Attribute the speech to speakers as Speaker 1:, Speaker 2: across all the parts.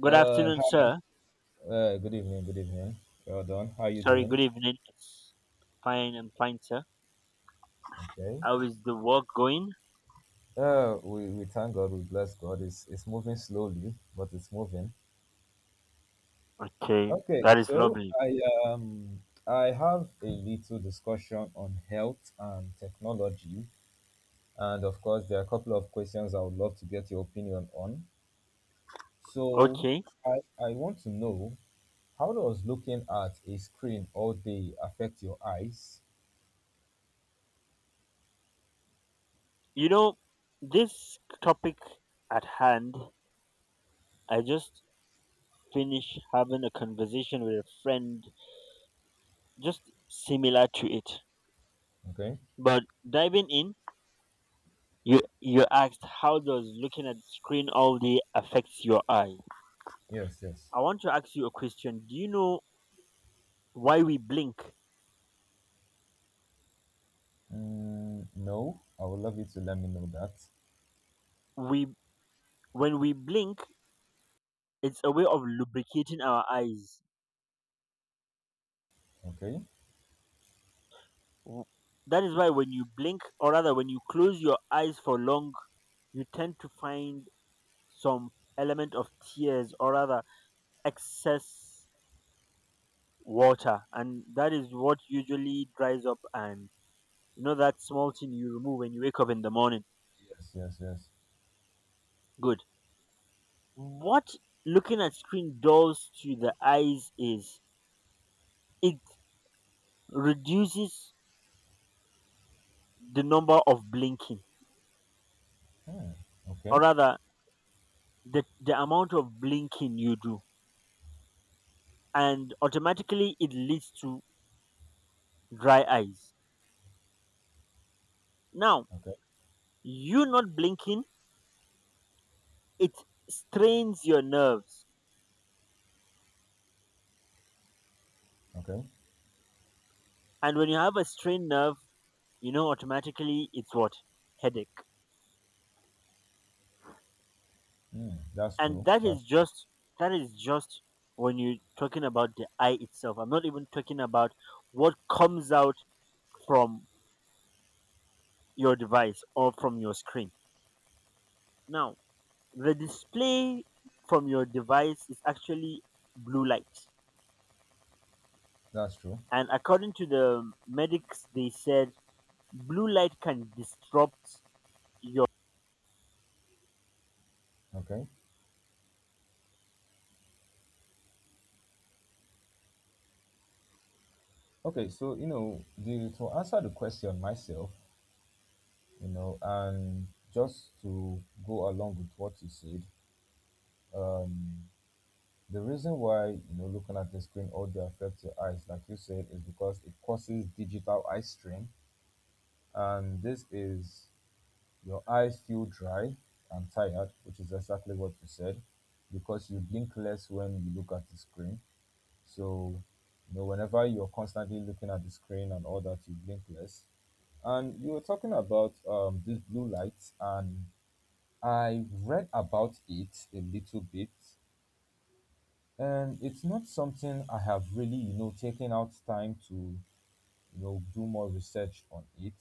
Speaker 1: Good afternoon,
Speaker 2: Hi,
Speaker 1: sir.
Speaker 2: good evening, good evening. Well done. How you
Speaker 1: Sorry,
Speaker 2: doing?
Speaker 1: good evening. It's fine, I'm fine, sir.
Speaker 2: Okay.
Speaker 1: How is the work going?
Speaker 2: We thank God, we bless God. It's moving slowly, but it's moving.
Speaker 1: Okay,
Speaker 2: Okay,
Speaker 1: that is
Speaker 2: so
Speaker 1: lovely.
Speaker 2: um I have a little discussion on health and technology, and of course there are a couple of questions I would love to get your opinion on. So
Speaker 1: Okay,
Speaker 2: I want to know how does looking at a screen all day affect your eyes?
Speaker 1: you know, this topic at hand, I just finished having a conversation with a friend just similar to it.
Speaker 2: Okay.
Speaker 1: But diving in, you asked how does looking at the screen all day affects your eye?
Speaker 2: Yes. Yes.
Speaker 1: I want to ask you a question. Do you know why we blink?
Speaker 2: Mm, no, I would love you to let me know that.
Speaker 1: We When we blink it's a way of lubricating our eyes.
Speaker 2: Okay.
Speaker 1: W- That is why when you blink, or rather when you close your eyes for long, you tend to find some element of tears, or rather excess water, and that is what usually dries up. And you know that small thing you remove when you wake up in the morning.
Speaker 2: Yes, yes, yes, yes.
Speaker 1: Good. What looking at screen does to the eyes is it reduces the number of blinking,
Speaker 2: Hmm.
Speaker 1: or
Speaker 2: Okay.
Speaker 1: rather the amount of blinking you do, and automatically it leads to dry eyes. Now,
Speaker 2: Okay.
Speaker 1: you not blinking, it strains your nerves,
Speaker 2: Okay.
Speaker 1: and when you have a strained nerve, you know, automatically it's what? Headache.
Speaker 2: Hmm. That's
Speaker 1: And
Speaker 2: true.
Speaker 1: that is
Speaker 2: That's true.
Speaker 1: just, that is just when you're talking about the eye itself, I'm not even talking about what comes out from your device or from your screen. Now, the display from your device is actually blue light.
Speaker 2: That's true.
Speaker 1: And according to the medics, they said blue light can disrupt your.
Speaker 2: Okay. Okay. So to answer the question myself, and just to go along with what you said, um, the reason why looking at the screen all day affects your eyes, like you said, is because it causes digital eye strain, and this is your eyes feel dry and tired, which is exactly what you said, because you blink less when you look at the screen. So, whenever you're constantly looking at the screen and all that, you blink less. And you were talking about this blue light, and I read about it a little bit, and it's not something I have really, taken out time to, do more research on it,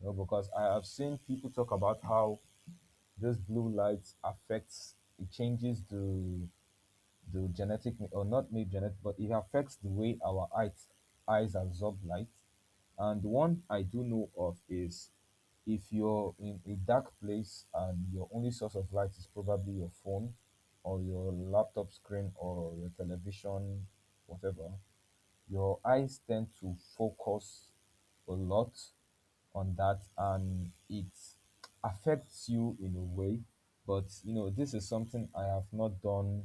Speaker 2: because I have seen people talk about how this blue light affects, it changes the genetic, or not maybe genetic, but it affects the way our eyes absorb light. And one I do know of is if you're in a dark place and your only source of light is probably your phone or your laptop screen or your television, whatever, your eyes tend to focus a lot on that, and it affects you in a way. But this is something I have not done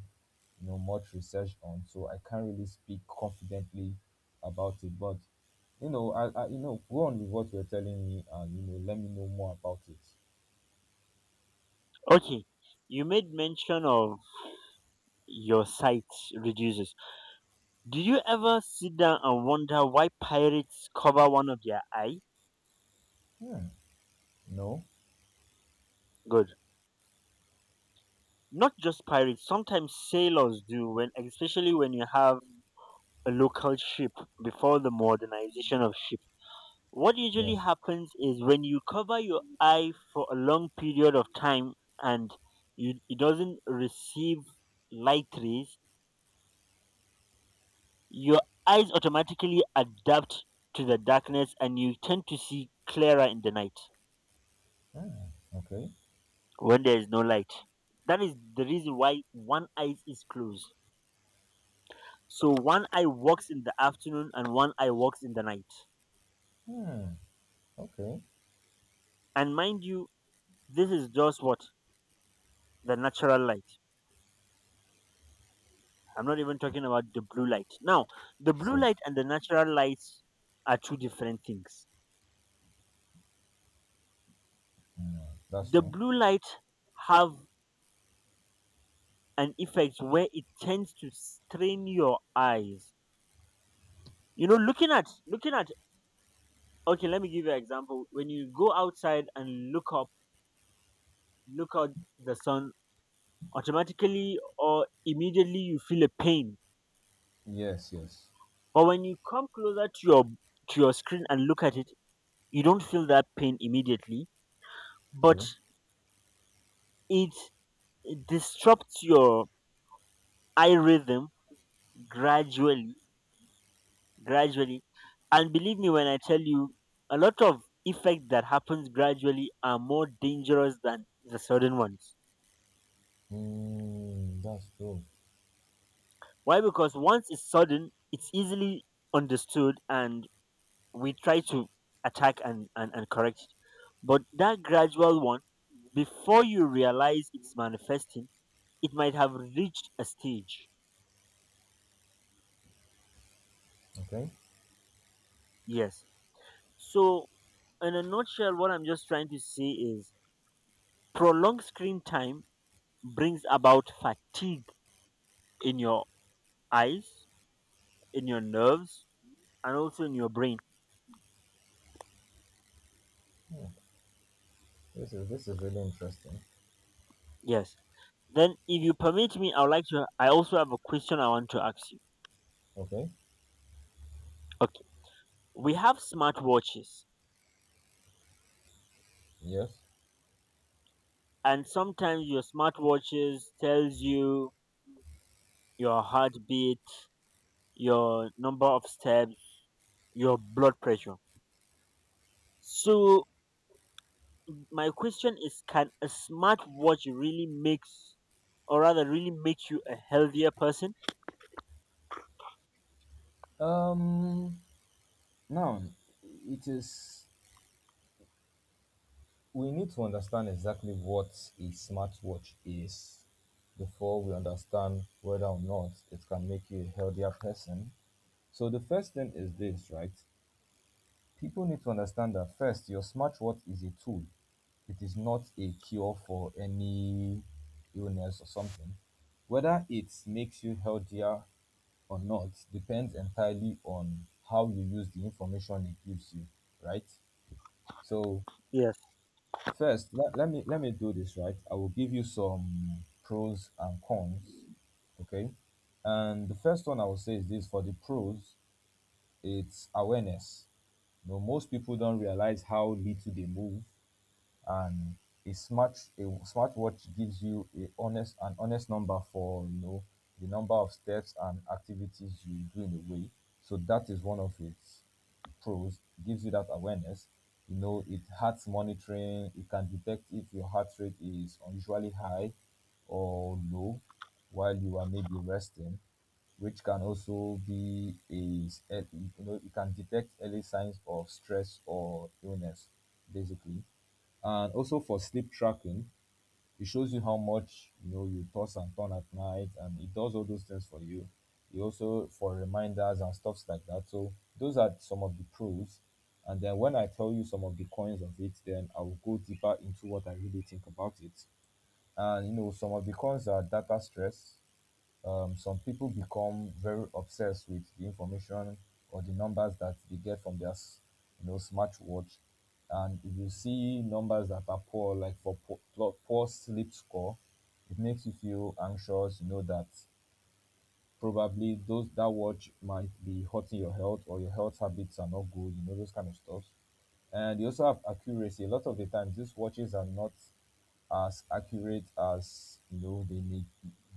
Speaker 2: much research on, so I can't really speak confidently about it. But I go on with what you're telling me, and let me know more about it.
Speaker 1: Okay, you made mention of your sight reduces. Do you ever sit down and wonder why pirates cover one of their eye?
Speaker 2: Hmm. No.
Speaker 1: Good. Not just pirates, sometimes sailors do, when especially when you have a local ship before the modernization of ship. What
Speaker 2: Yeah.
Speaker 1: usually happens is when you cover your eye for a long period of time and you, it doesn't receive light rays, your eyes automatically adapt to the darkness, and you tend to see clearer in the night
Speaker 2: Hmm. Okay.
Speaker 1: when there is no light. That is the reason why one eye is closed. So one eye works in the afternoon and one eye works in the night.
Speaker 2: Hmm. Okay.
Speaker 1: And mind you, this is just what? The natural light. I'm not even talking about the blue light. Now, the
Speaker 2: Yes,
Speaker 1: blue
Speaker 2: yes.
Speaker 1: light and the natural light are two different things.
Speaker 2: Hmm, that's
Speaker 1: The
Speaker 2: true.
Speaker 1: blue light have an effect where it tends to strain your eyes. You know, looking at okay, let me give you an example. When you go outside and look up, look out the sun, automatically or immediately you feel a pain.
Speaker 2: Yes, yes.
Speaker 1: But when you come closer to your screen and look at it, you don't feel that pain immediately, but
Speaker 2: True.
Speaker 1: it it disrupts your eye rhythm gradually, gradually. And believe me when I tell you, a lot of effects that happens gradually are more dangerous than the sudden ones.
Speaker 2: Mm, that's true.
Speaker 1: Why? Because once it's sudden, it's easily understood, and we try to attack and correct it. But that gradual one, before you realize it's manifesting, it might have reached a stage.
Speaker 2: Okay.
Speaker 1: Yes. So, in a nutshell, what I'm just trying to say is prolonged screen time brings about fatigue in your eyes, in your nerves, and also in your brain.
Speaker 2: Yeah. This is really interesting.
Speaker 1: Yes. Then, if you permit me, I would like to. I also have a question I want to ask you.
Speaker 2: Okay.
Speaker 1: Okay. We have smartwatches,
Speaker 2: Yes.
Speaker 1: and sometimes your smartwatches tells you your heartbeat, your number of steps, your blood pressure. So, my question is: can a smartwatch really makes, or rather, really make you a healthier person?
Speaker 2: Um. Now, it is. We need to understand exactly what a smartwatch is before we understand whether or not it can make you a healthier person. So the first thing is this, right? People need to understand that first, your smartwatch is a tool. It is not a cure for any illness or something. Whether it makes you healthier or not depends entirely on how you use the information it gives you, right? So
Speaker 1: Yes,
Speaker 2: first, let me do this, right? I will give you some pros and cons, okay? And the first one I will say is this: for the pros, it's awareness. You know, most people don't realize how little they move, and a smartwatch gives you a honest an honest number for, the number of steps and activities you do in a way. So that is one of its pros. It gives you that awareness. You know, it heart monitoring. It can detect if your heart rate is unusually high or low while you are maybe resting, which can also be it can detect early signs of stress or illness, basically. And also for sleep tracking, it shows you how much, you toss and turn at night, and it does all those things for you. It also for reminders and stuffs like that. So those are some of the pros. And then when I tell you some of the cons of it, then I will go deeper into what I really think about it. And some of the cons are data stress. Some people become very obsessed with the information or the numbers that they get from their smartwatch. And if you see numbers that are poor, like for poor sleep score, it makes you feel anxious, that probably those that watch might be hurting your health, or your health habits are not good, those kind of stuff. And they also have accuracy. A lot of the times, these watches are not as accurate as, they make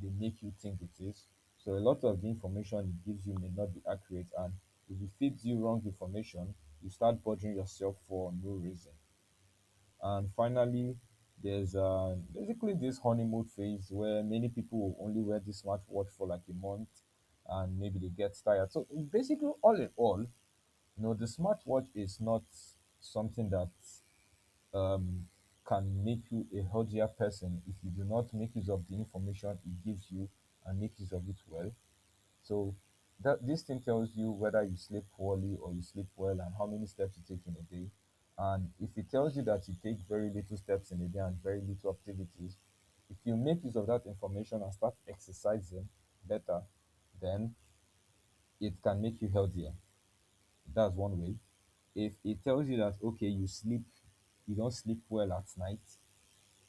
Speaker 2: they make you think it is. So a lot of the information it gives you may not be accurate, and if it feeds you wrong information, you start bothering yourself for no reason. And finally, there's basically this honeymoon phase where many people will only wear this smartwatch for like a month, and maybe they get tired. So basically, all in all, the smartwatch is not something that, um, can make you a healthier person if you do not make use of the information it gives you and make use of it well. So that this thing tells you whether you sleep poorly or you sleep well, and how many steps you take in a day. And if it tells you that you take very little steps in a day and very little activities, if you make use of that information and start exercising better, then it can make you healthier. That's one way. If it tells you that okay, you don't sleep well at night,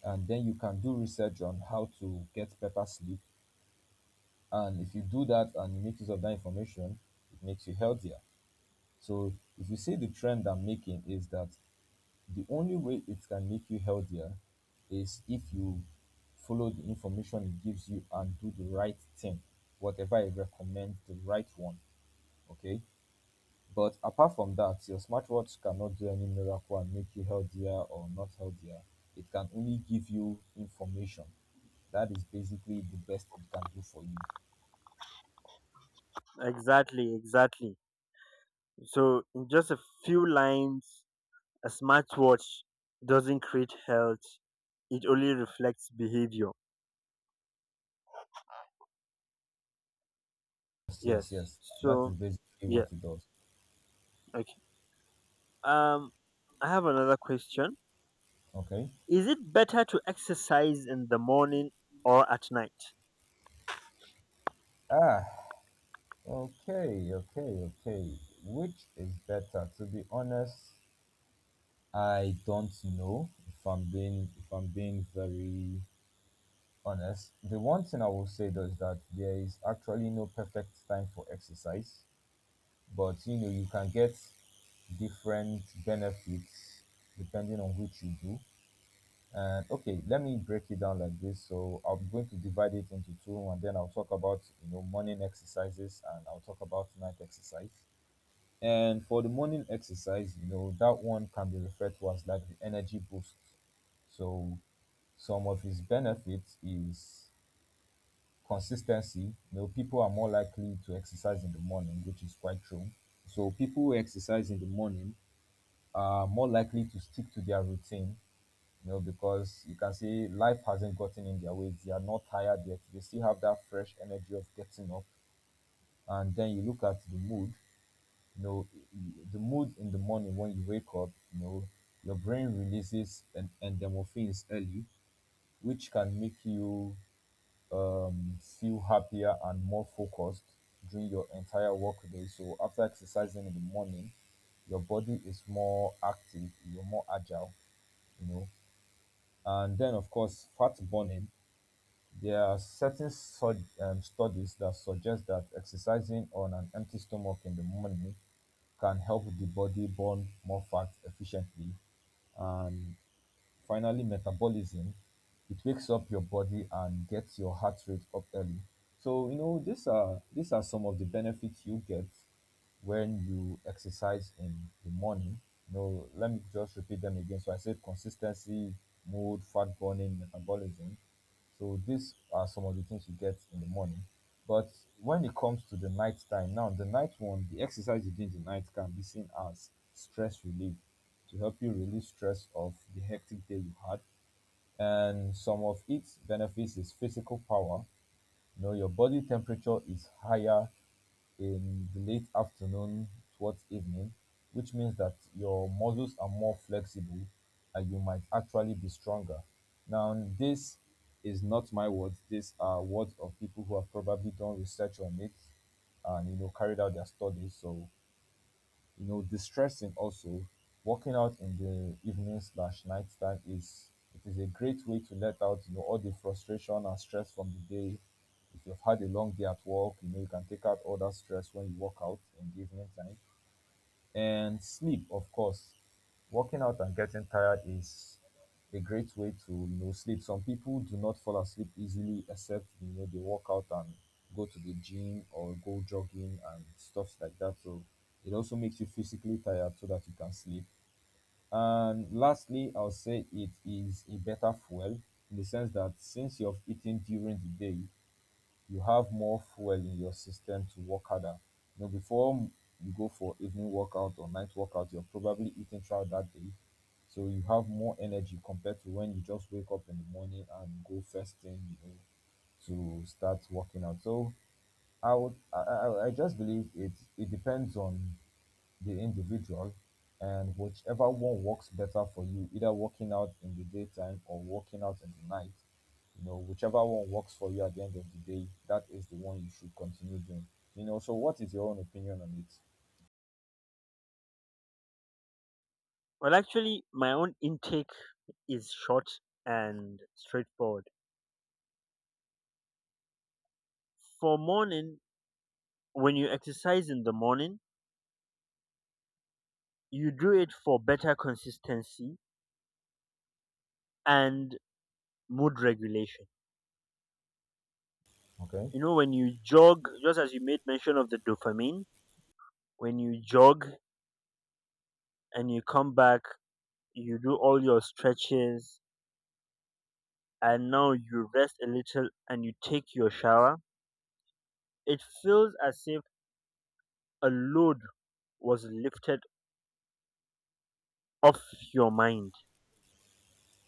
Speaker 2: and then you can do research on how to get better sleep. And if you do that and you make use of that information, it makes you healthier. So if you see, the trend I'm making is that the only way it can make you healthier is if you follow the information it gives you and do the right thing, whatever it recommends, the right one. Okay. But apart from that, your smartwatch cannot do any miracle and make you healthier or not healthier. It can only give you information. That is basically the best it can do for you.
Speaker 1: exactly, exactly. So, in just a few lines, a smartwatch doesn't create health, it only reflects behavior.
Speaker 2: Yes, yes,
Speaker 1: Yes.
Speaker 2: yes. That
Speaker 1: So,
Speaker 2: is basically
Speaker 1: yeah,
Speaker 2: what it does.
Speaker 1: okay. Um, I have another question.
Speaker 2: Okay.
Speaker 1: Is it better to exercise in the morning or at night?
Speaker 2: Ah, okay, okay, okay. Which is better? To be honest, I don't know if I'm being very honest. The one thing I will say though is that there is actually no perfect time for exercise. But you can get different benefits depending on which you do. And okay, let me break it down like this. So I'm going to divide it into two, and then I'll talk about, morning exercises, and I'll talk about night exercise. And for the morning exercise, that one can be referred to as like the energy boost. So some of its benefits is consistency. People are more likely to exercise in the morning, which is quite true. So people who exercise in the morning are more likely to stick to their routine, because you can see life hasn't gotten in their way. They are not tired yet. They still have that fresh energy of getting up. And then you look at the mood. you know the mood in the morning when you wake up, your brain releases endorphins early, which can make you, feel happier and more focused during your entire workday. So after exercising in the morning, your body is more active, you're more agile, you know. And then, of course, fat burning. There are certain studies that suggest that exercising on an empty stomach in the morning can help the body burn more fat efficiently. And finally, metabolism. It wakes up your body and gets your heart rate up early. So these are some of the benefits you get when you exercise in the morning. Let me just repeat them again. So I said consistency, mood, fat burning, metabolism. So these are some of the things you get in the morning. But when it comes to the night time, now the night one, the exercise you do in the night can be seen as stress relief to help you release stress of the hectic day you had. And some of its benefits is physical power. You know, your body temperature is higher in the late afternoon towards evening, which means that your muscles are more flexible and you might actually be stronger. Now, this is not my words, these are words of people who have probably done research on it and carried out their studies. So distressing also. Walking out in the evening slash nighttime is a great way to let out, all the frustration and stress from the day. If you've had a long day at work, you can take out all that stress when you walk out in the evening time. And sleep, of course. Working out and getting tired is a great way to sleep. Some people do not fall asleep easily except they work out and go to the gym or go jogging and stuff like that. So it also makes you physically tired so that you can sleep. And lastly, I'll say it is a better fuel, in the sense that since you've eaten during the day, you have more fuel in your system to work harder. Before you go for evening workout or night workout, you're probably eating throughout that day. So you have more energy compared to when you just wake up in the morning and go first thing, to start working out. So I would, I just believe it depends on the individual, and whichever one works better for you, either working out in the daytime or working out in the night, whichever one works for you at the end of the day, that is the one you should continue doing. So what is your own opinion on it?
Speaker 1: Well, actually, my own intake is short and straightforward. For morning, when you exercise in the morning, you do it for better consistency and mood regulation.
Speaker 2: Okay.
Speaker 1: You know, when you jog, just as you made mention of the dopamine, when you jog and you come back, you do all your stretches and now you rest a little and you take your shower, it feels as if a load was lifted off your mind.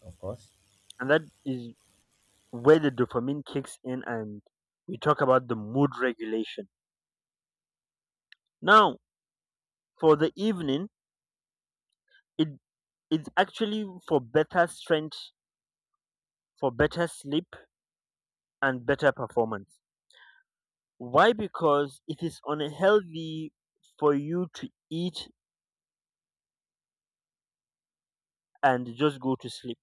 Speaker 2: Of course.
Speaker 1: And that is where the dopamine kicks in and we talk about the mood regulation. Now, for the evening, It it's actually for better strength, for better sleep, and better performance. Why? Because it is unhealthy for you to eat and just go to sleep.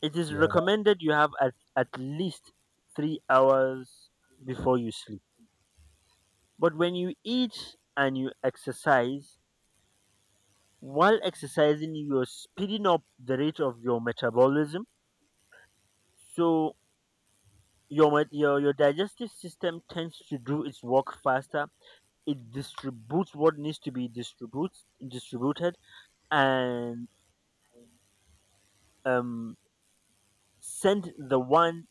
Speaker 1: It is
Speaker 2: Yeah. That's
Speaker 1: recommended you have at least 3 hours before you sleep. But when you eat and you exercise, while exercising, you're speeding up the rate of your metabolism. So your digestive system tends to do its work faster, it distributes what needs to be distributes distributed, and um send the one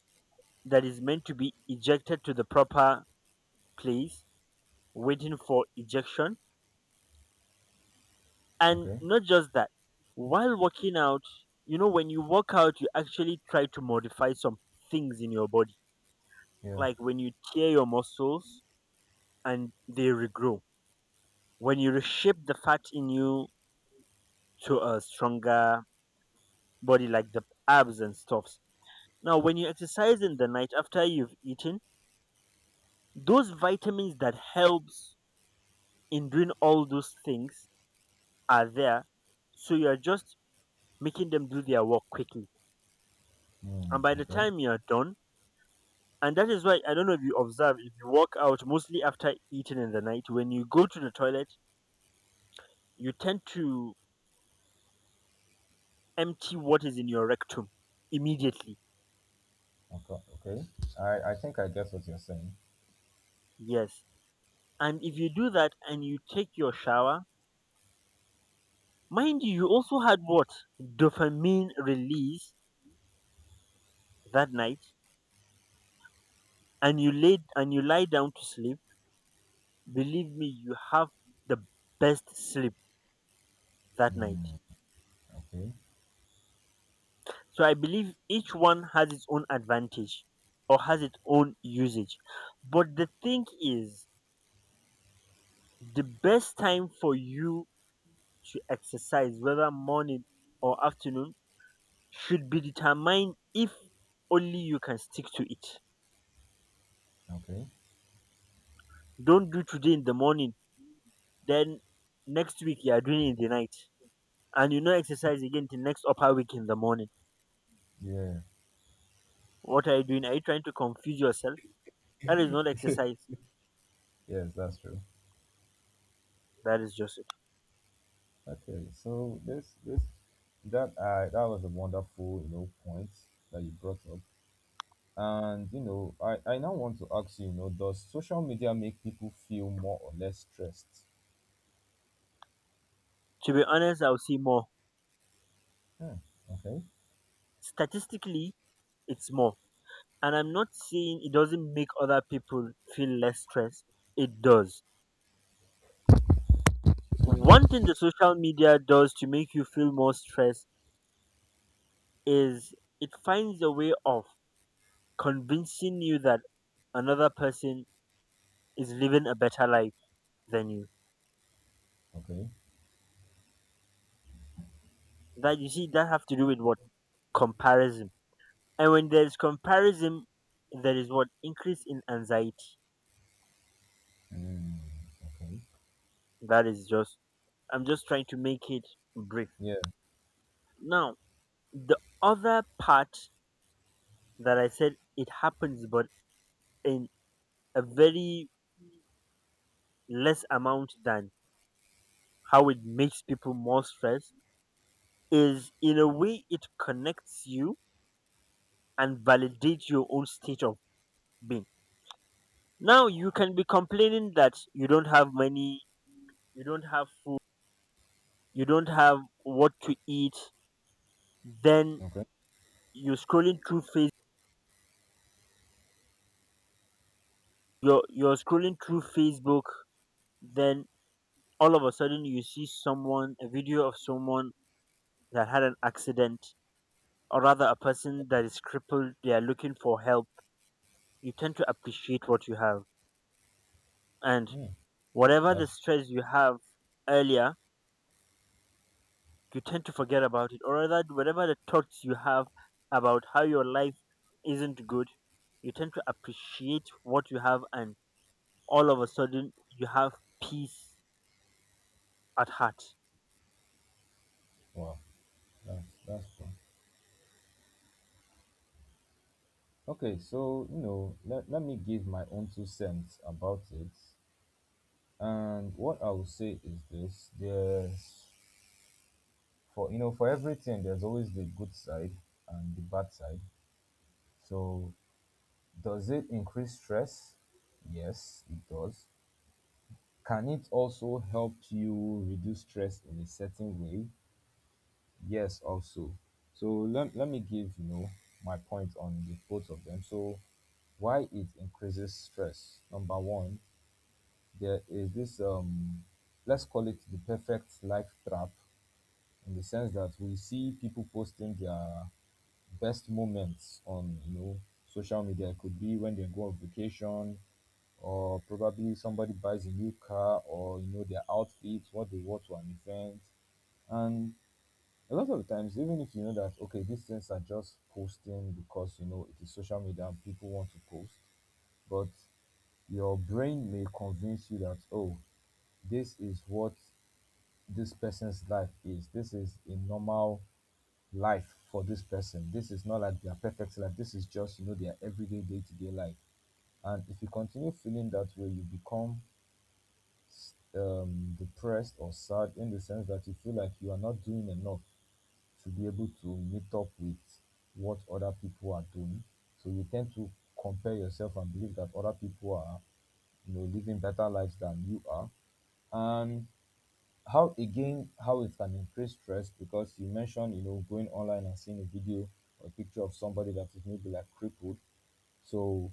Speaker 1: that is meant to be ejected to the proper place waiting for ejection. And
Speaker 2: okay.
Speaker 1: not just that, while working out, you know, when you work out you actually try to modify some things in your body,
Speaker 2: Yeah.
Speaker 1: like when you tear your muscles and they regrow, when you reshape the fat in you to a stronger body like the abs and stuff. Now, when you exercise in the night after you've eaten, those vitamins that helps in doing all those things are there. So you're just making them do their work quickly.
Speaker 2: Mm,
Speaker 1: And by the
Speaker 2: okay.
Speaker 1: time you're done, and that is why, I don't know if you observe, if you walk out mostly after eating in the night, when you go to the toilet, you tend to empty what is in your rectum immediately.
Speaker 2: Okay. Okay. I think I guess what you're saying.
Speaker 1: Yes. And if you do that and you take your shower, mind you, you also had what? Dopamine release that night, and you lay and you lie down to sleep, believe me, you have the best sleep that night.
Speaker 2: Mm, okay.
Speaker 1: So I believe each one has its own advantage or has its own usage. But the thing is, the best time for you to exercise, whether morning or afternoon, should be determined if only you can stick to it.
Speaker 2: Okay.
Speaker 1: Don't do today in the morning, then next week you are doing it in the night. And you know exercise again till next upper week in the morning.
Speaker 2: Yeah.
Speaker 1: What are you doing? Are you trying to confuse yourself? That is not exercise.
Speaker 2: Yes, that's true.
Speaker 1: That is just it.
Speaker 2: Okay, so this that that was a wonderful point that you brought up, and I now want to ask you, does social media make people feel more or less stressed?
Speaker 1: To be honest, I'll see more.
Speaker 2: Hmm. Okay.
Speaker 1: Statistically, it's more. And I'm not saying it doesn't make other people feel less stressed. It does.
Speaker 2: Hmm.
Speaker 1: One thing the social media does to make you feel more stressed is it finds a way of convincing you that another person is living a better life than you.
Speaker 2: Okay.
Speaker 1: That you see, that have to do with what? Comparison. And when there's comparison, there is what? Increase in anxiety.
Speaker 2: Hmm. Okay.
Speaker 1: That is just, I'm just trying to make it brief.
Speaker 2: Yeah.
Speaker 1: Now, the other part that I said it happens, but in a very less amount than how it makes people more stressed, is in a way it connects you and validates your own state of being. Now, you can be complaining that you don't have money, you don't have food, you don't have what to eat, then
Speaker 2: Okay.
Speaker 1: you're scrolling through face you're scrolling through Facebook, then all of a sudden you see someone a video of someone that had an accident or rather a person that is crippled, they are looking for help. You tend to appreciate what you have. And
Speaker 2: Hmm.
Speaker 1: whatever the
Speaker 2: That's
Speaker 1: stress you have earlier, you tend to forget about it. Or rather whatever the thoughts you have about how your life isn't good, you tend to appreciate what you have, and all of a sudden you have peace at heart.
Speaker 2: wow. That's fun. Okay, so let me give my own two cents about it. And what I will say is this: there's for you know for everything, there's always the good side and the bad side. So, does it increase stress? Yes, it does. Can it also help you reduce stress in a certain way? Yes, also. So let me give my point on the both of them. So, why it increases stress: number one, there is this, let's call it, the perfect life trap, in the sense that we see people posting their best moments on, social media. Could be when they go on vacation, or probably somebody buys a new car, or their outfits, what they wore to an event. And a lot of times, even if you know that, okay, these things are just posting because it is social media and people want to post. But your brain may convince you that, oh, this is what this person's life is. This is a normal life for this person. This is not like their perfect life. This is just, their everyday, day to day life. And if you continue feeling that way, you become depressed or sad, in the sense that you feel like you are not doing enough to be able to meet up with what other people are doing. So you tend to compare yourself and believe that other people are, living better lives than you are. And how again, how it can increase stress, because you mentioned, going online and seeing a video or picture of somebody that is maybe like crippled. So,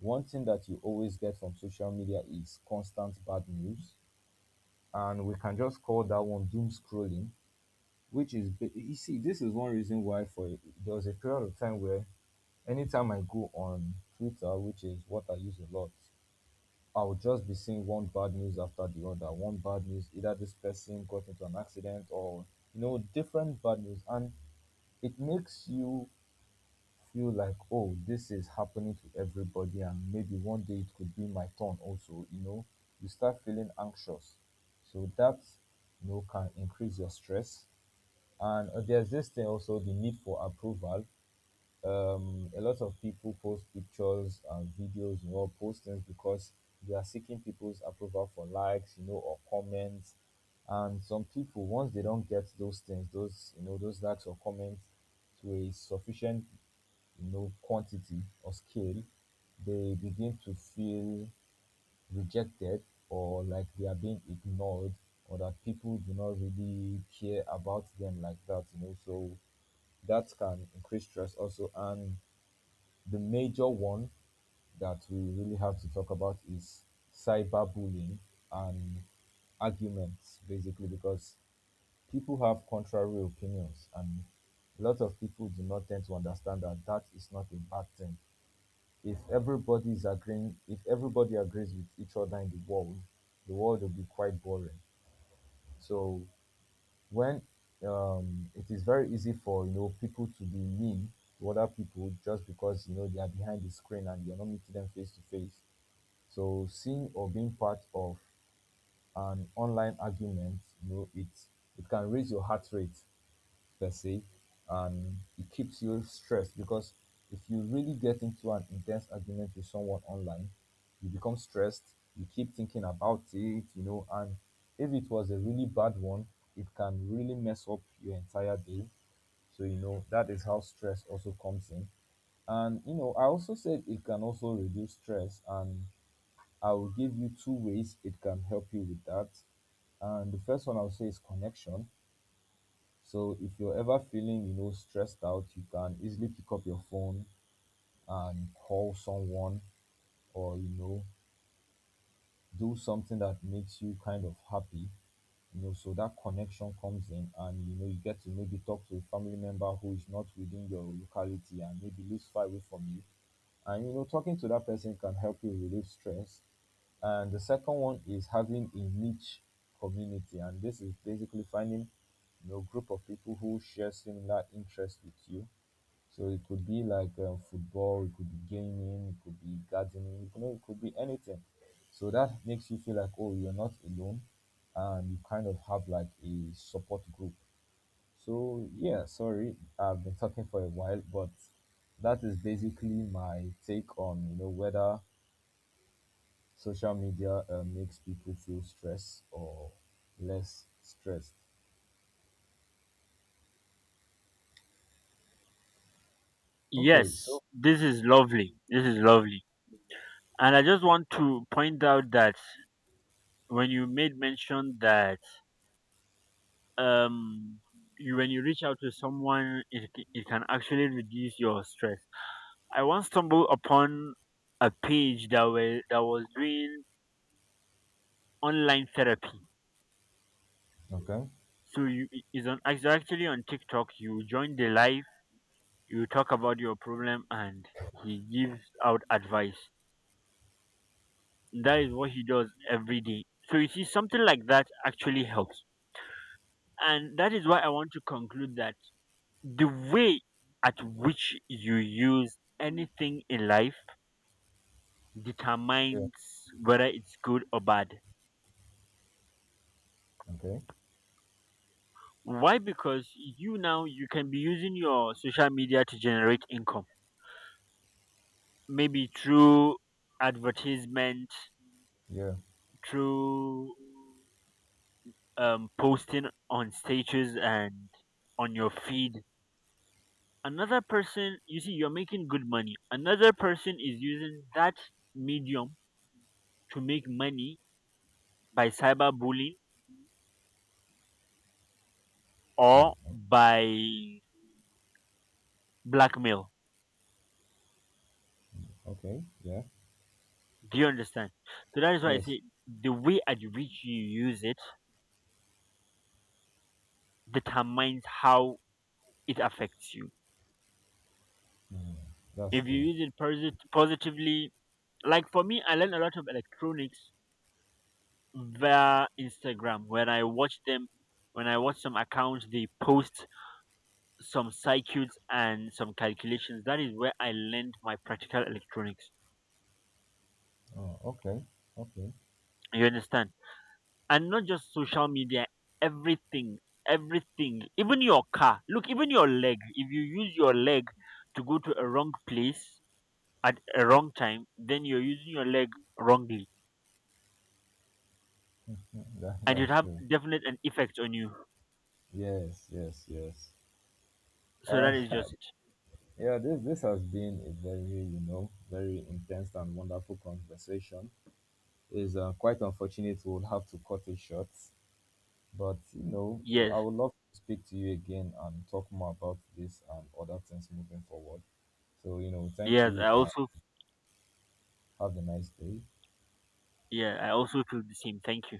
Speaker 2: one thing that you always get from social media is constant bad news, and we can just call that one doom scrolling, which is you see, this is one reason why, for there was a period of time where anytime I go on Twitter, which is what I use a lot, I'll just be seeing one bad news after the other. One bad news: either this person got into an accident, or different bad news. And it makes you feel like, oh, this is happening to everybody, and maybe one day it could be my turn also, you know. You start feeling anxious. So that can increase your stress. And there's this thing also, the need for approval. A lot of people post pictures and videos, postings, because they are seeking people's approval for likes, or comments. And some people, once they don't get those things, those likes or comments to a sufficient, quantity or scale, they begin to feel rejected, or like they are being ignored, or that people do not really care about them like that. So that can increase stress also. And the major one that we really have to talk about is cyberbullying and arguments, basically, because people have contrary opinions, and a lot of people do not tend to understand that that is not a bad thing. If everybody is agreeing, if everybody agrees with each other in the world will be quite boring. So when, it is very easy for people to be mean to other people, just because they are behind the screen and you're not meeting them face to face. So, seeing or being part of an online argument, you know, it it can raise your heart rate per se, and it keeps you stressed, because if you really get into an intense argument with someone online, you become stressed, you keep thinking about it, and if it was a really bad one, it can really mess up your entire day. So, that is how stress also comes in. And, I also said it can also reduce stress, and I will give you two ways it can help you with that. And the first one I'll say is connection. So if you're ever feeling, stressed out, you can easily pick up your phone and call someone, or, do something that makes you kind of happy. So that connection comes in, and you get to maybe talk to a family member who is not within your locality and maybe lives far away from you. And talking to that person can help you relieve stress. And the second one is having a niche community, and this is basically finding group of people who share similar interests with you. So it could be like, football, it could be gaming, it could be gardening, it could be anything. So that makes you feel like, oh, you're not alone, and you kind of have like a support group. So yeah, sorry, I've been talking for a while, but that is basically my take on whether social media makes people feel stressed or less stressed. Okay,
Speaker 1: Yes,
Speaker 2: so
Speaker 1: this is lovely. This is lovely. And I just want to point out that when you made mention that um you when you reach out to someone, it can actually reduce your stress. I once stumbled upon a page that was doing online therapy.
Speaker 2: okay,
Speaker 1: So you it's actually on TikTok. You join the live, you talk about your problem and he gives out advice. That is what he does every day. So you see, something like that actually helps. And that is why I want to conclude that the way at which you use anything in life
Speaker 2: yeah,
Speaker 1: determines whether it's good or bad.
Speaker 2: okay,
Speaker 1: Why? Because you now, you can be using your social media to generate income. Maybe through advertisement,
Speaker 2: yeah,
Speaker 1: through posting on stages and on your feed. Another person, you see, you're making good money, another person is using that medium to make money by cyberbullying or
Speaker 2: mm,
Speaker 1: by blackmail.
Speaker 2: okay, yeah,
Speaker 1: Do you understand? So that is why I
Speaker 2: yes.
Speaker 1: say the way at which you use it determines how it affects you.
Speaker 2: Mm, that's
Speaker 1: If you
Speaker 2: true.
Speaker 1: use it positively, like for me, I learned a lot of electronics via Instagram when I watch them, when I watch some accounts they post some circuits and some calculations. That is where I learned my practical electronics.
Speaker 2: Oh, okay. Okay.
Speaker 1: You understand? And not just social media, everything, everything, even your car. Look, even your leg. If you use your leg to go to a wrong place at a wrong time, then you're using your leg wrongly.
Speaker 2: Mm, That,
Speaker 1: And it
Speaker 2: that's
Speaker 1: have
Speaker 2: true.
Speaker 1: definite an effect on you.
Speaker 2: Yes, yes, yes.
Speaker 1: So that
Speaker 2: And
Speaker 1: is just it.
Speaker 2: yeah, this has been a very, very intense and wonderful conversation. It's quite unfortunate we'll have to cut it short, but
Speaker 1: Yes.
Speaker 2: I would love to speak to you again and talk more about this and other things moving forward. So, thank
Speaker 1: Yes. I
Speaker 2: you, and
Speaker 1: also
Speaker 2: have a nice day.
Speaker 1: Yeah, I also feel the same. Thank you.